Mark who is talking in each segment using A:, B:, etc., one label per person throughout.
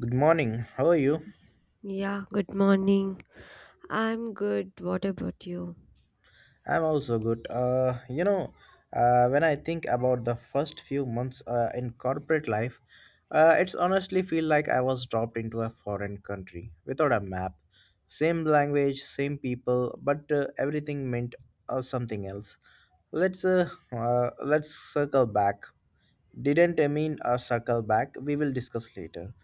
A: Good morning. How are you?
B: Yeah, good morning. I'm good. What about you?
A: I'm also good. When I think about the first few months in corporate life, it's honestly feel like I was dropped into a foreign country without a map. Same language, same people, but everything meant something else. Let's circle back. Didn't mean a circle back, we will discuss later.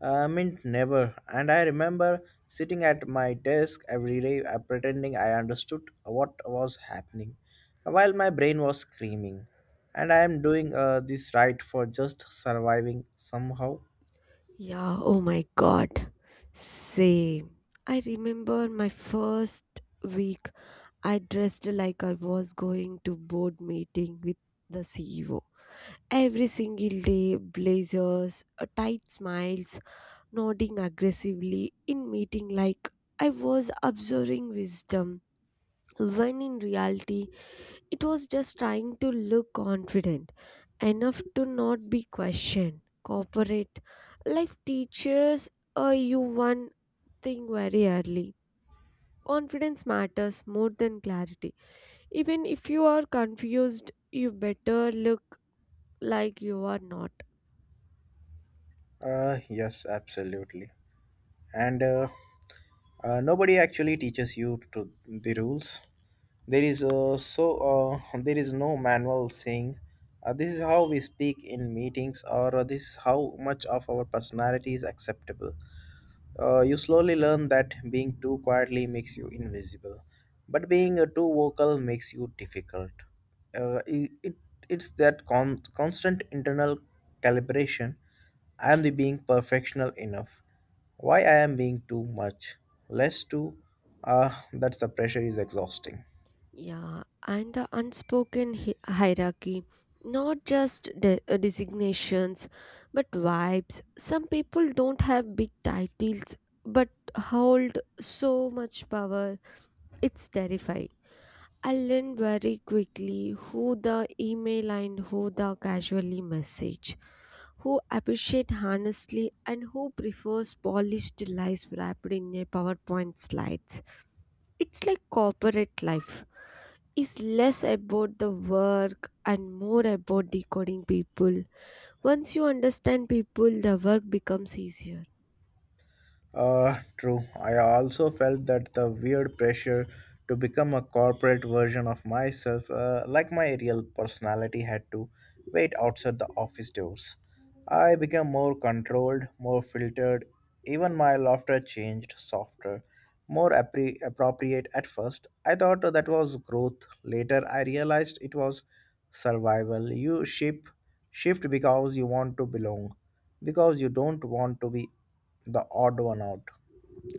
A: Meant never, and I remember sitting at my desk every day pretending I understood what was happening while my brain was screaming. And I am doing this right for just surviving somehow.
B: Yeah, oh my god. Same. I remember my first week, I dressed like I was going to board meeting with the CEO. Every single day, blazers, tight smiles, nodding aggressively in meeting like I was observing wisdom. When in reality, it was just trying to look confident, enough to not be questioned. Corporate life teaches you one thing very early, confidence matters more than clarity. Even if you are confused, you better look like you are not.
A: Yes, absolutely. And nobody actually teaches you to the rules. There is uh, so there is no manual saying this is how we speak in meetings or this is how much of our personality is acceptable. You slowly learn that being too quietly makes you invisible, but being too vocal makes you difficult. Uh, it, it it's that constant internal calibration. I am the being perfectional enough. Why I am being too much, less too. That's the pressure is exhausting.
B: Yeah, and the unspoken hierarchy, not just designations, but vibes. Some people don't have big titles but hold so much power. It's terrifying. I learned very quickly who the email and who the casually message, who appreciate honestly and who prefers polished lies wrapped in a PowerPoint slides. It's like corporate life is less about the work and more about decoding people. Once you understand people, the work becomes easier.
A: True. I also felt that the weird pressure to become a corporate version of myself, like my real personality, had to wait outside the office doors. I became more controlled, more filtered. Even my laughter changed, softer, more appropriate at first. I thought that was growth. Later, I realized it was survival. You shift because you want to belong, because you don't want to be the odd one out.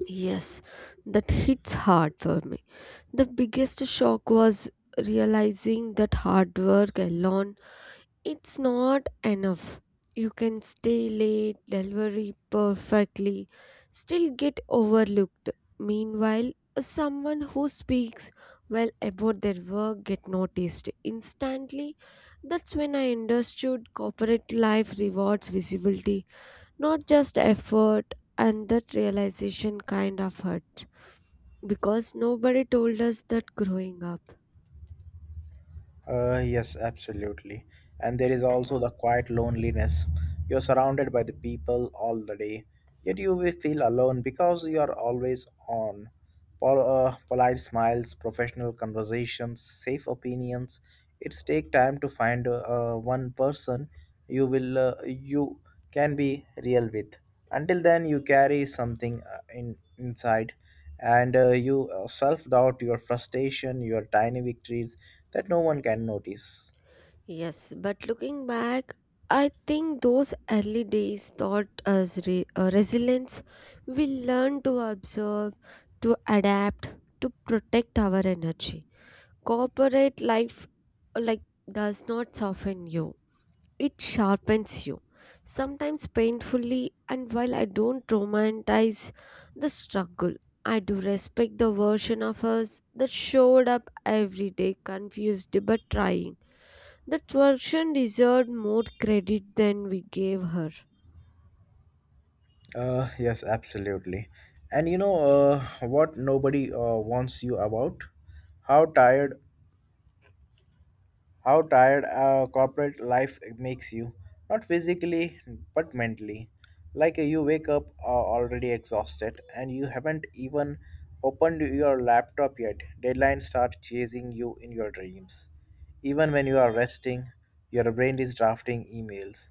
B: Yes, that hits hard for me. The biggest shock was realizing that hard work alone it's not enough. You can stay late, delivery perfectly, still get overlooked. Meanwhile, someone who speaks well about their work get noticed instantly. That's when I understood corporate life rewards visibility, not just effort, and that realization kind of hurt. Because nobody told us that growing up.
A: Yes, absolutely. And there is also the quiet loneliness. You're surrounded by the people all the day, yet you will feel alone because you are always on. Polite smiles, professional conversations, safe opinions. It's take time to find one person you can be real with. Until then, you carry something in inside, and you self doubt, your frustration, your tiny victories that no one can notice.
B: Yes, but looking back, I think those early days taught us resilience. We learned to observe, to adapt, to protect our energy. Corporate life uh, like does not soften you. It sharpens you, sometimes painfully, and while I don't romanticize the struggle, I do respect the version of us that showed up every day, confused but trying. That version deserved more credit than we gave her.
A: Yes, absolutely. And you know uh, what nobody wants you about? How tired, how tired corporate life makes you, not physically but mentally. Like you wake up already exhausted and you haven't even opened your laptop yet. Deadlines start chasing you in your dreams. Even when you are resting, your brain is drafting emails,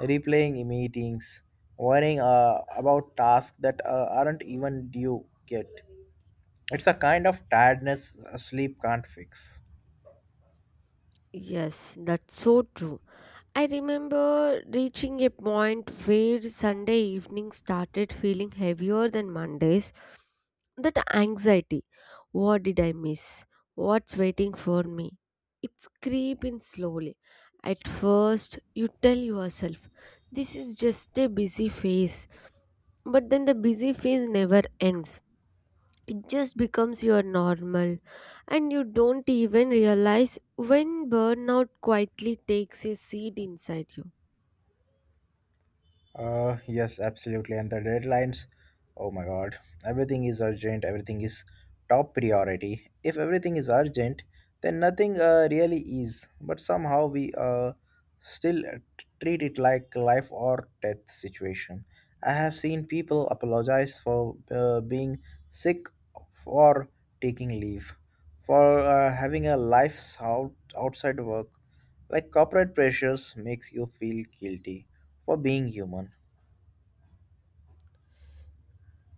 A: replaying meetings, worrying about tasks that aren't even due yet. It's a kind of tiredness sleep can't fix.
B: Yes, that's so true. I remember reaching a point where Sunday evening started feeling heavier than Mondays. That anxiety, what did I miss? What's waiting for me? It's creeping slowly. At first, you tell yourself, this is just a busy phase. But then the busy phase never ends. It just becomes your normal, and you don't even realize when burnout quietly takes a seat inside you.
A: Yes, absolutely. And the deadlines, oh my God, everything is urgent, everything is top priority. If everything is urgent, then nothing really is. But somehow we still treat it like life or death situation. I have seen people apologize for being sick, for taking leave, for having a life outside work. Like corporate pressures makes you feel guilty for being human.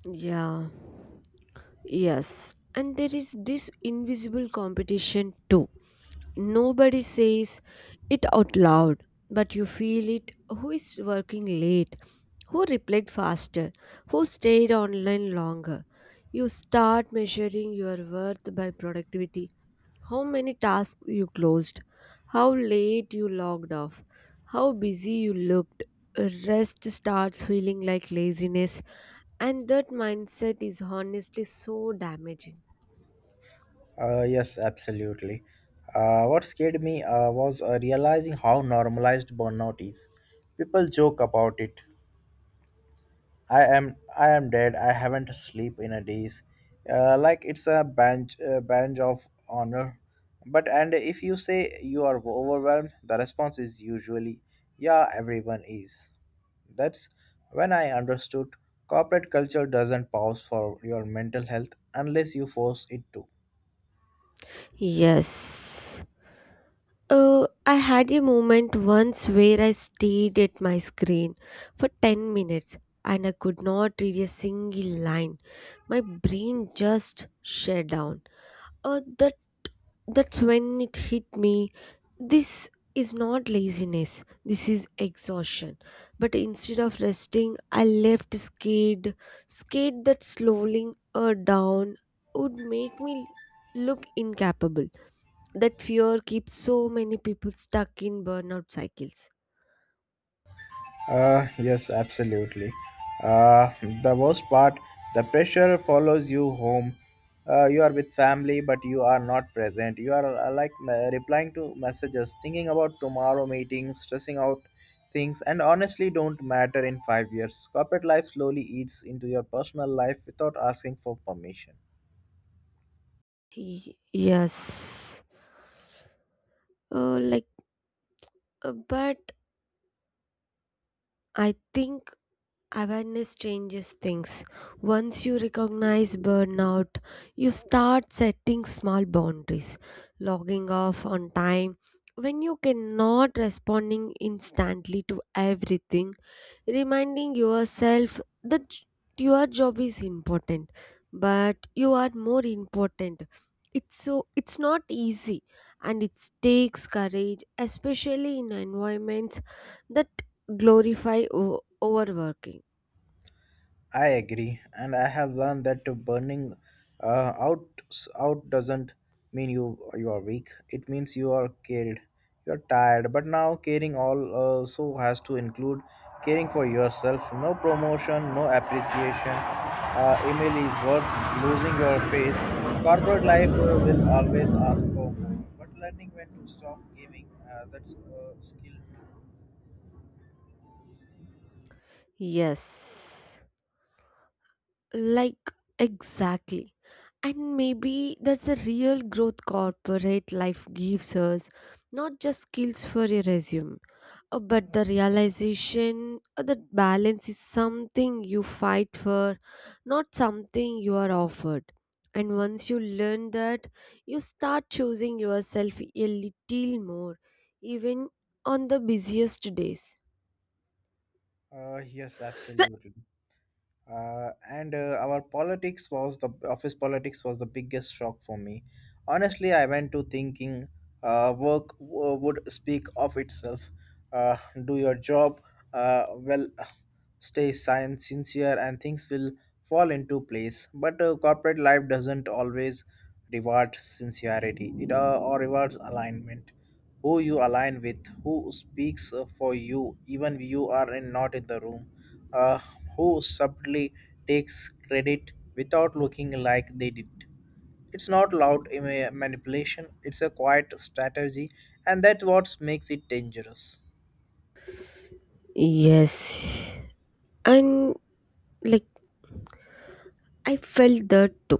B: Yeah, yes. And there is this invisible competition too. Nobody says it out loud, but you feel it. Who is working late? Who replied faster? Who stayed online longer? You start measuring your worth by productivity. How many tasks you closed? How late you logged off? How busy you looked? Rest starts feeling like laziness and that mindset is honestly so damaging.
A: Yes, absolutely. What scared me was realizing how normalized burnout is. People joke about it. I am dead. I haven't sleep in a days. Like it's a bench of honor. But and if you say you are overwhelmed, the response is usually, yeah, everyone is. That's when I understood corporate culture doesn't pause for your mental health unless you force it to.
B: Yes. I had a moment once where I stayed at my screen for 10 minutes and I could not read a single line. My brain just shut down. The That's when it hit me. This is not laziness, this is exhaustion. But instead of resting, I left skate, skate that slowly down would make me look incapable. That fear keeps so many people stuck in burnout cycles.
A: Yes, absolutely. Uh, the worst part, the pressure follows you home. You are with family, but you are not present. You are like replying to messages, thinking about tomorrow meetings, stressing out things, and honestly, don't matter in 5 years. Corporate life slowly eats into your personal life without asking for permission.
B: Y- Yes. Uh, like, but I think awareness changes things. Once you recognize burnout, you start setting small boundaries, logging off on time. When you cannot responding instantly to everything, reminding yourself that your job is important, but you are more important. It's so it's not easy and it takes courage, especially in environments that glorify overworking.
A: I agree, and I have learned that burning uh, out out doesn't mean you are weak. It means you are cared. You are tired, but now caring all also has to include caring for yourself. No promotion, no appreciation. Email is worth losing your pace. Corporate life will always ask for more, but learning when to stop giving that's a skill too.
B: Yes, like exactly. And maybe that's the real growth corporate life gives us, not just skills for a resume, but the realization that balance is something you fight for, not something you are offered. And once you learn that, you start choosing yourself a little more, even on the busiest days.
A: Yes, absolutely. And our politics was the office politics was the biggest shock for me, honestly. I went to thinking work would speak of itself, uh, do your job well stay sincere and things will fall into place. But corporate life doesn't always rewards sincerity, it or rewards alignment, who you align with, who speaks for you even if you are not in the room, uh, who subtly takes credit without looking like they did. It's not loud manipulation, it's a quiet strategy, and that's what makes it dangerous.
B: Yes. And like I felt that too.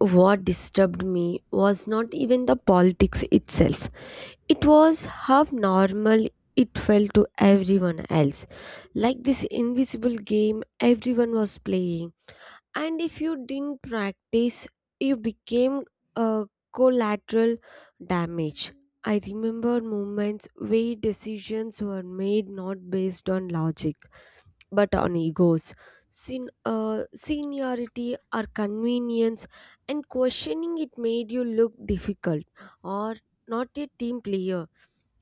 B: What disturbed me was not even the politics itself, it was how normal it felt to everyone else. Like this invisible game everyone was playing. And if you didn't practice, you became a collateral damage. I remember moments where decisions were made not based on logic but on egos, seniority or convenience, and questioning it made you look difficult or not a team player.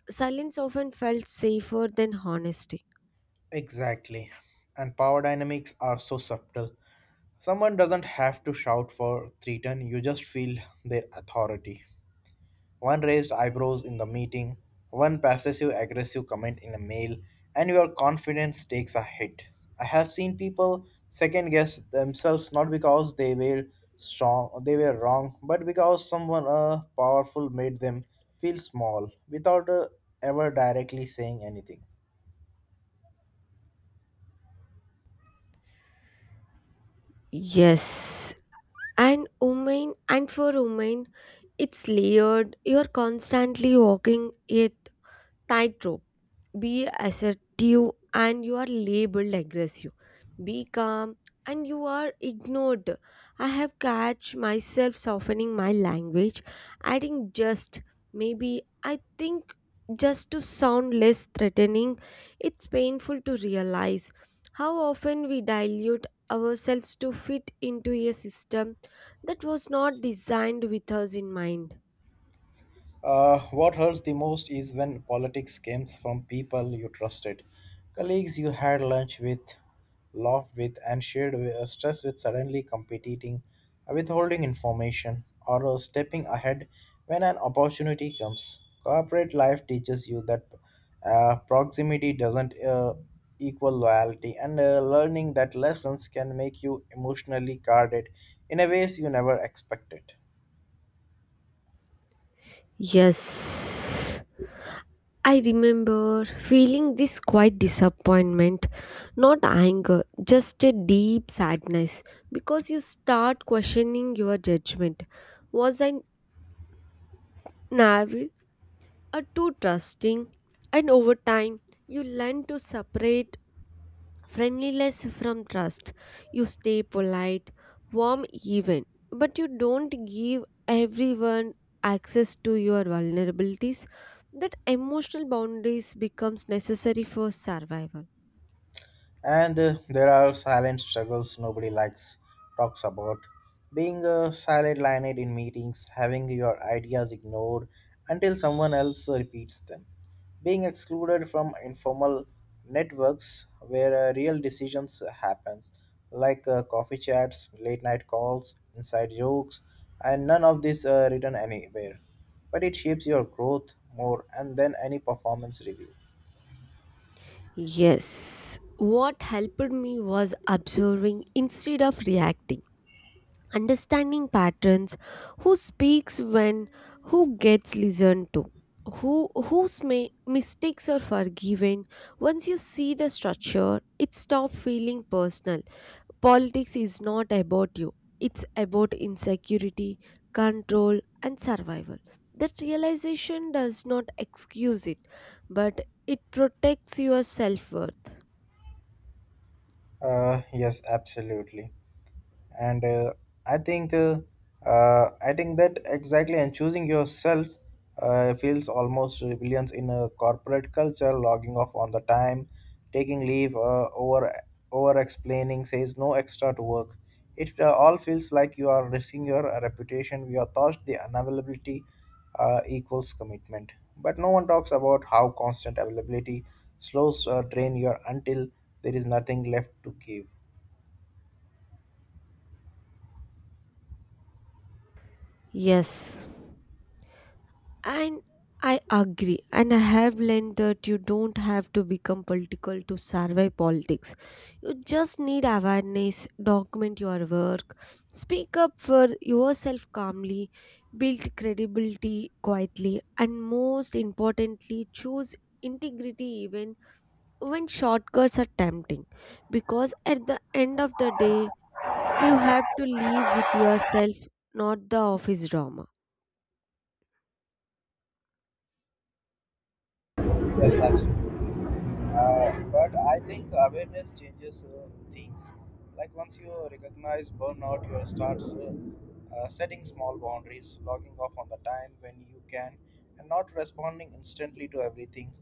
B: Silence often felt safer than honesty.
A: Exactly. And power dynamics are so subtle. Someone doesn't have to shout for three ten, you just feel their authority. One raised eyebrows in the meeting, one passive aggressive comment in a mail, and your confidence takes a hit. I have seen people second guess themselves not because they were wrong, but because someone powerful made them feel small without ever directly saying anything.
B: Yes, and for women, it's layered. You're constantly walking a tightrope, be assertive and you are labeled aggressive, be calm and you are ignored. I have catch myself softening my language, adding just maybe, I think, just to sound less threatening. It's painful to realize how often we dilute ourselves to fit into a system that was not designed with us in mind.
A: What hurts the most is when politics comes from people you trusted, colleagues you had lunch with, laughed with, and shared stress with, suddenly competing, withholding information, or stepping ahead when an opportunity comes. Corporate life teaches you that proximity doesn't equal loyalty, and learning that lessons can make you emotionally guarded in a ways you never expected.
B: Yes, I remember feeling this quiet disappointment, not anger, just a deep sadness because you start questioning your judgment. Was I naive? Are too trusting, and over time, you learn to separate friendliness from trust. You stay polite, warm, even, but you don't give everyone access to your vulnerabilities. That emotional boundaries becomes necessary for survival.
A: And there are silent struggles nobody likes talks about. Being silent-lined in meetings, having your ideas ignored until someone else repeats them. Being excluded from informal networks where real decisions happens, like coffee chats, late night calls, inside jokes, and none of this written anywhere. But it shapes your growth more and than any performance review.
B: Yes, what helped me was observing instead of reacting, understanding patterns, who speaks when, who gets listened to, who whose mistakes are forgiven. Once you see the structure it stops feeling personal. Politics is not about you, it's about insecurity, control and survival. That realization does not excuse it, but it protects your self-worth.
A: Yes, absolutely. And i think uh, I think that exactly, and choosing yourself feels almost rebellions in a corporate culture. Logging off on the time, taking leave over explaining, says no extra to work, it all feels like you are risking your reputation. We are taught the unavailability equals commitment, but no one talks about how constant availability slows drain your until there is nothing left to give.
B: Yes. And I agree. And I have learned that you don't have to become political to survive politics. You just need awareness, document your work, speak up for yourself calmly, build credibility quietly, and most importantly, choose integrity even when shortcuts are tempting. Because at the end of the day, you have to live with yourself, not the office drama.
A: Yes, absolutely. But I think awareness changes things. Like once you recognize burnout, you start setting small boundaries, logging off on the time when you can, and not responding instantly to everything,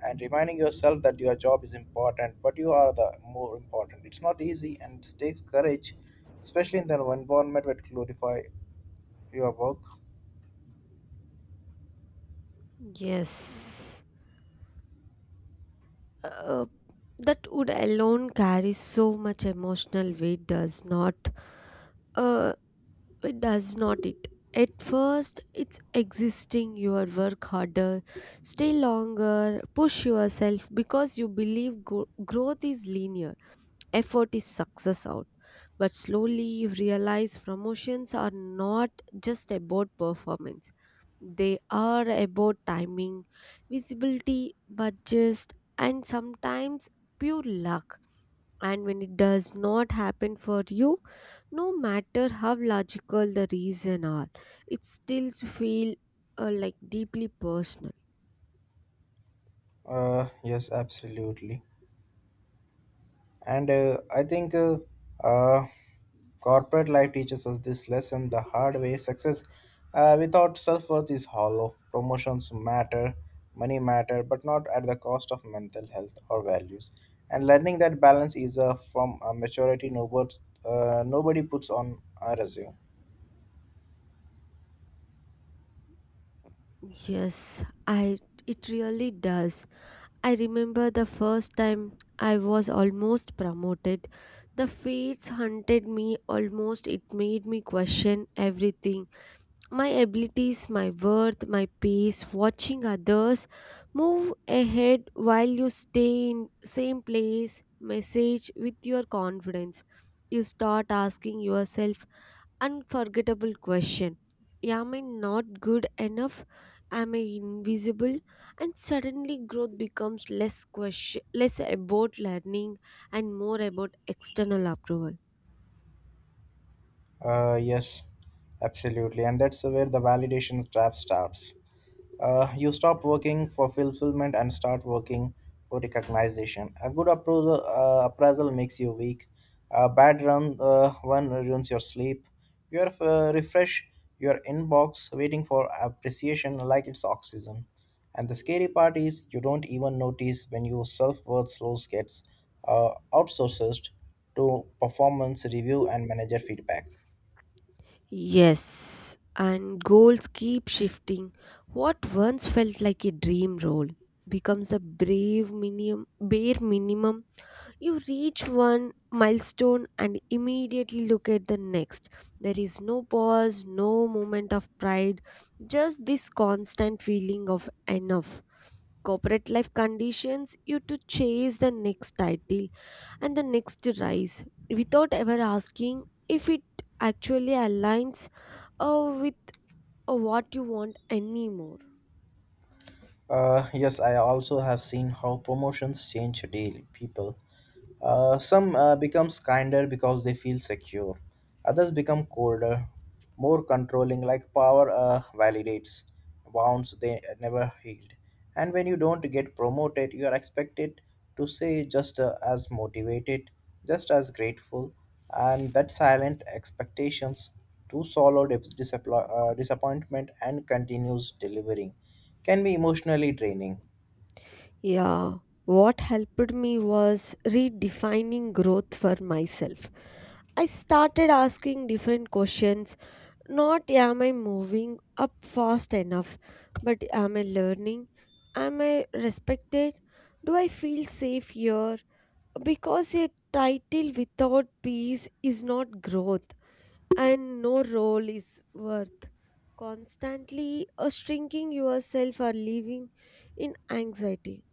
A: and reminding yourself that your job is important, but you are the more important. It's not easy and it takes courage, especially in the environment that glorify your work.
B: Yes. Uh. That would alone carry so much emotional weight does not uh it does not it, at first it's existing your work harder, stay longer, push yourself because you believe growth is linear, effort is success out. But slowly you realize promotions are not just about performance, they are about timing, visibility, budgets, and sometimes pure luck. And when it does not happen for you, no matter how logical the reason are, it still feel like deeply personal.
A: Yes, absolutely. And I think uh, corporate life teaches us this lesson the hard way. Success without self-worth is hollow. Promotions matter, money matter, but not at the cost of mental health or values. And learning that balance is from a maturity nobody puts on a resume.
B: Yes, I, it really does. I remember the first time I was almost promoted. The fates hunted me almost. It made me question everything, my abilities, my worth, my pace, watching others move ahead while you stay in same place, message with your confidence. You start asking yourself unforgettable question. Am I not good enough? Am I invisible? And suddenly growth becomes less question, less about learning and more about external approval.
A: Yes, absolutely. And that's where the validation trap starts. You stop working for fulfillment and start working for recognition. A good appraisal makes you weak. A bad one ruins your sleep. You are refresh your inbox waiting for appreciation like it's oxygen. And the scary part is you don't even notice when your self-worth slows gets outsourced to performance review and manager feedback.
B: Yes, and goals keep shifting. What once felt like a dream role becomes the bare minimum. You reach one milestone and immediately look at the next. There is no pause, no moment of pride, just this constant feeling of enough. Corporate life conditions you to chase the next title and the next rise without ever asking if it actually aligns with what you want anymore.
A: Yes, I also have seen how promotions change daily people, some becomes kinder because they feel secure. Others become colder, more controlling, like power validates wounds they never healed. And when you don't get promoted, you are expected to stay just as motivated, just as grateful, and that silent expectations to swallow disappointment and continues delivering can be emotionally draining.
B: Yeah, what helped me was redefining growth for myself. I started asking different questions, not am I moving up fast enough, but am I learning? Am I respected? Do I feel safe here? Because a title without peace is not growth, and no role is worth constantly shrinking yourself or living in anxiety.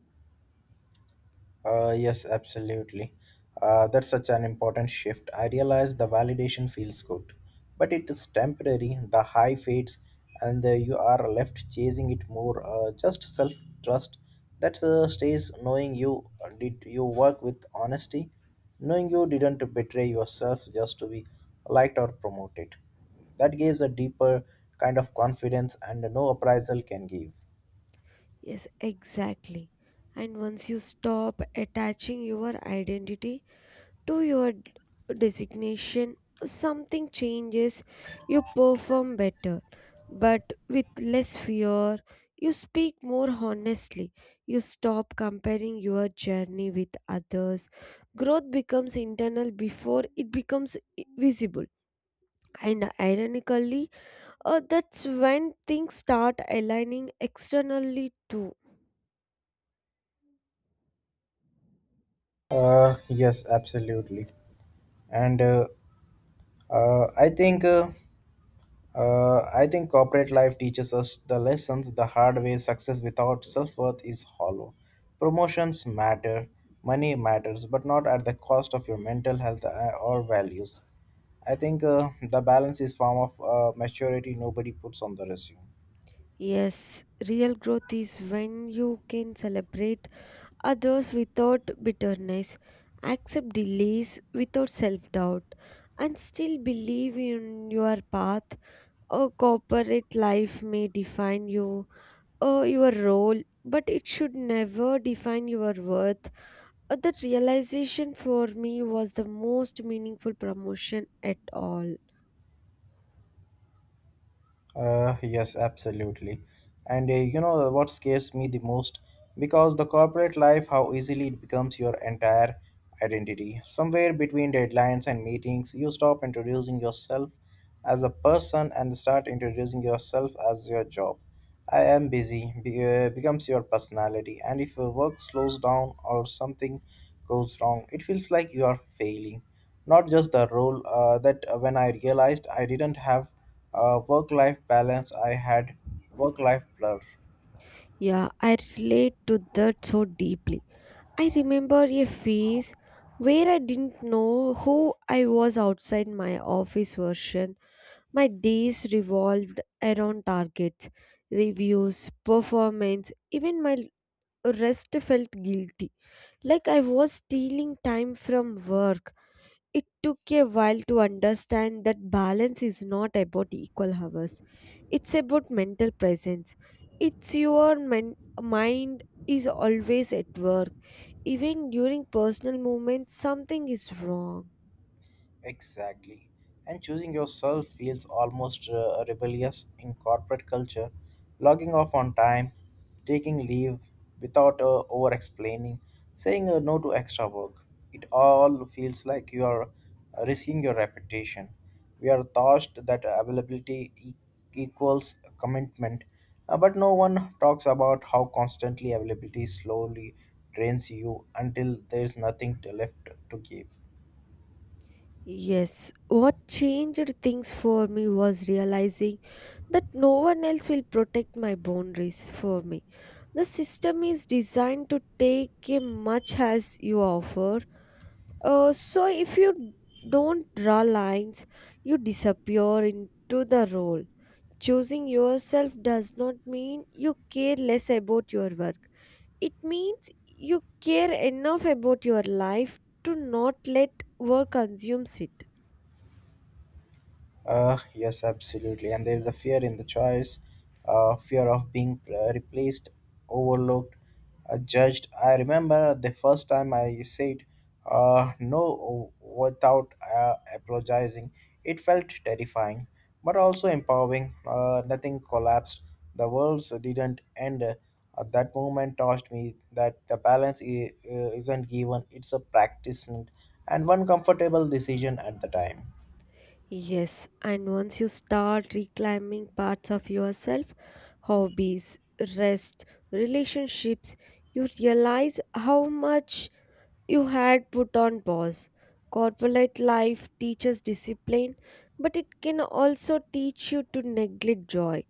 A: Yes, absolutely. That's such an important shift. I realize the validation feels good, but it is temporary. The high fades, and you are left chasing it more. Just self trust that stays knowing you did you work with honesty, knowing you didn't betray yourself just to be liked or promoted. That gives a deeper kind of confidence, and no appraisal can give.
B: Yes, exactly. And once you stop attaching your identity to your designation, something changes, you perform better, but with less fear, you speak more honestly, you stop comparing your journey with others. Growth becomes internal before it becomes visible. And ironically, that's when things start aligning externally too.
A: Yes, absolutely. And Uh, I think uh, I think corporate life teaches us the lessons the hard way. Success without self worth is hollow. Promotions matter, money matters, but not at the cost of your mental health or values. I think the balance is form of maturity nobody puts on the resume.
B: Yes, real growth is when you can celebrate others without bitterness, accept delays without self doubt, and still believe in your path. A corporate life may define you, or your role, but it should never define your worth. That realization for me was the most meaningful promotion at all.
A: Yes, absolutely. And you know what scares me the most? Because the corporate life, how easily it becomes your entire identity. Somewhere between deadlines and meetings, you stop introducing yourself as a person and start introducing yourself as your job. I am busy becomes your personality, and if your work slows down or something goes wrong, it feels like you are failing. Not just the role that when I realized I didn't have work life balance, I had work life blur.
B: Yeah, I relate to that so deeply. I remember a phase where I didn't know who I was outside my office version. My days revolved around targets, reviews, performance, even my rest felt guilty. Like I was stealing time from work. It took a while to understand that balance is not about equal hours. It's about mental presence. It's your mind is always at work even during personal moments, something is wrong.
A: Exactly. And choosing yourself feels almost rebellious in corporate culture. Logging off on time, taking leave without over explaining, saying no to extra work. It all feels like you are risking your reputation. We are taught that availability equals commitment, but no one talks about how constantly availability slowly drains you until there is nothing left to give.
B: Yes, what changed things for me was realizing that no one else will protect my boundaries for me. The system is designed to take a much as you offer. So if you don't draw lines, you disappear into the role. Choosing yourself does not mean you care less about your work. It means you care enough about your life to not let work consume it.
A: Yes, absolutely. And there is a fear in the choice, fear of being replaced, overlooked, judged. I remember the first time I said no without apologizing. It felt terrifying, but also empowering. Nothing collapsed. The world didn't end. That moment taught me that the balance isn't given, it's a practice and one comfortable decision at the time.
B: Yes, and once you start reclaiming parts of yourself, hobbies, rest, relationships, you realize how much you had put on pause. Corporate life teaches discipline, but it can also teach you to neglect joy.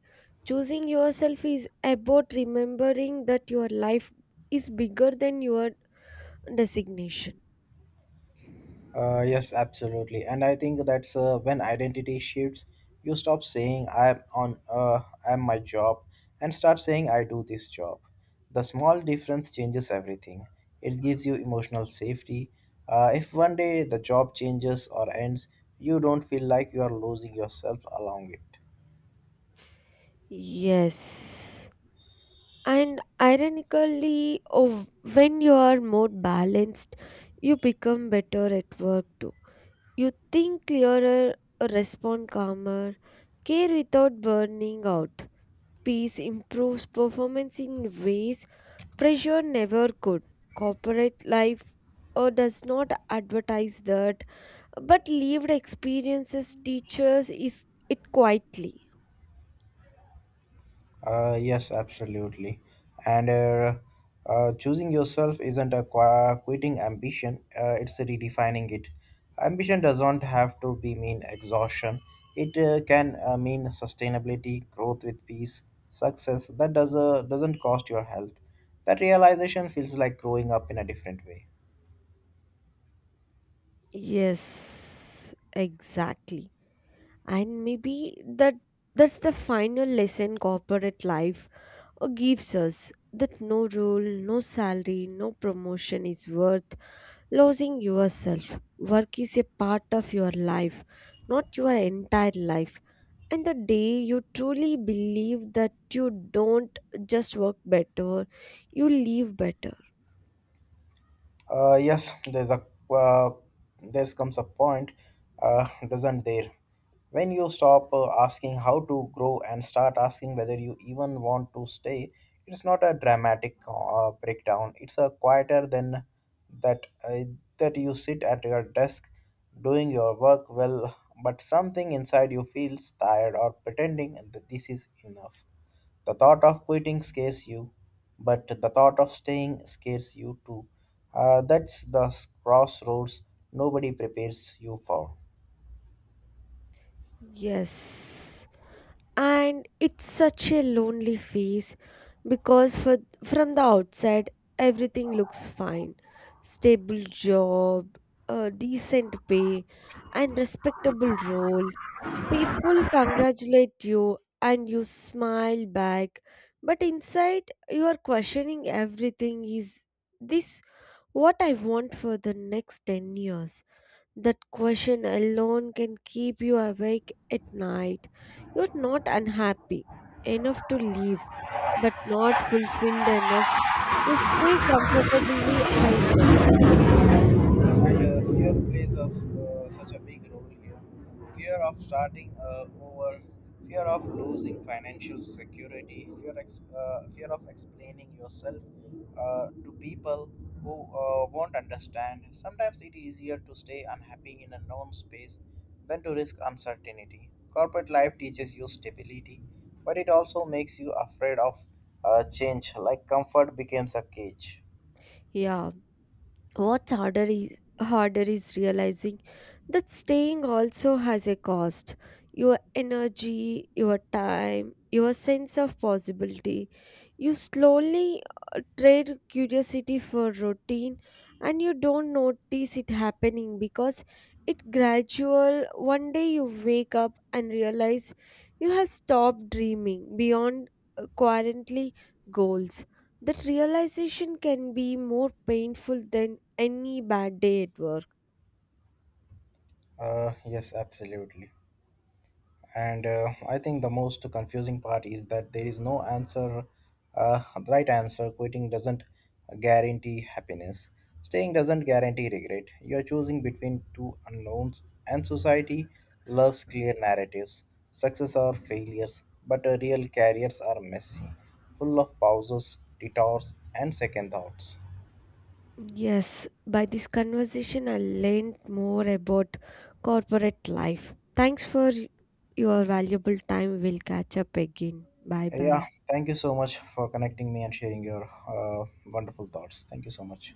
B: Choosing yourself is about remembering that your life is bigger than your designation.
A: Yes, absolutely. And I think that's when identity shifts. You stop saying I'm my job and start saying I do this job. The small difference changes everything. It gives you emotional safety. If one day the job changes or ends, you don't feel like you are losing yourself along it.
B: Yes. And ironically, oh, when you are more balanced, you become better at work too. You think clearer, respond calmer, care without burning out. Peace improves performance in ways pressure never could. Corporate life does not advertise that, but lived experiences teaches is it quietly.
A: Yes, absolutely. And choosing yourself isn't a quitting ambition, it's redefining it. Ambition doesn't have to be mean exhaustion, it can mean sustainability, growth with peace, success that doesn't cost your health. That realization feels like growing up in a different way.
B: Yes, exactly. And maybe that's the final lesson corporate life or gives us, that no role, no salary, no promotion is worth losing yourself. Work is a part of your life, not your entire life. And the day you truly believe that, you don't just work better, you live better.
A: Yes, uh, there's comes a point, doesn't there, when you stop asking how to grow and start asking whether you even want to stay. It's not a dramatic breakdown. It's a quieter than that uh, that you sit at your desk doing your work well, but something inside you feels tired or pretending that this is enough. The thought of quitting scares you, but the thought of staying scares you too. That's the crossroads nobody prepares you for.
B: Yes. And it's such a lonely phase because from the outside, everything looks fine. Stable job, a decent pay, and respectable role. People congratulate you and you smile back. But inside, you are questioning everything. Is this what I want for the next 10 years? That question alone can keep you awake at night. You're not unhappy enough to leave, but not fulfilled enough to stay comfortably either.
A: And fear plays such a big role here. Fear of starting over, fear of losing financial security, fear of explaining yourself to people who won't understand. Sometimes it is easier to stay unhappy in a known space than to risk uncertainty. Corporate life teaches you stability, but it also makes you afraid of change, like comfort becomes a cage.
B: Yeah, What's harder is realizing that staying also has a cost. Your energy, your time, your sense of possibility. You slowly trade curiosity for routine and you don't notice it happening because it gradual, one day you wake up and realize you have stopped dreaming beyond currently goals. That realization can be more painful than any bad day at work.
A: Yes, absolutely. And I think the most confusing part is that there is no uh, right answer. Quitting doesn't guarantee happiness. Staying doesn't guarantee regret. You are choosing between two unknowns, and society loves clear narratives, success or failures. But real careers are messy, full of pauses, detours, and second thoughts.
B: Yes, by this conversation, I learned more about corporate life. Thanks for your valuable time. We'll catch up again. Bye
A: Yeah,
B: bye.
A: thank you so much for connecting me and sharing your wonderful thoughts. Thank you so much.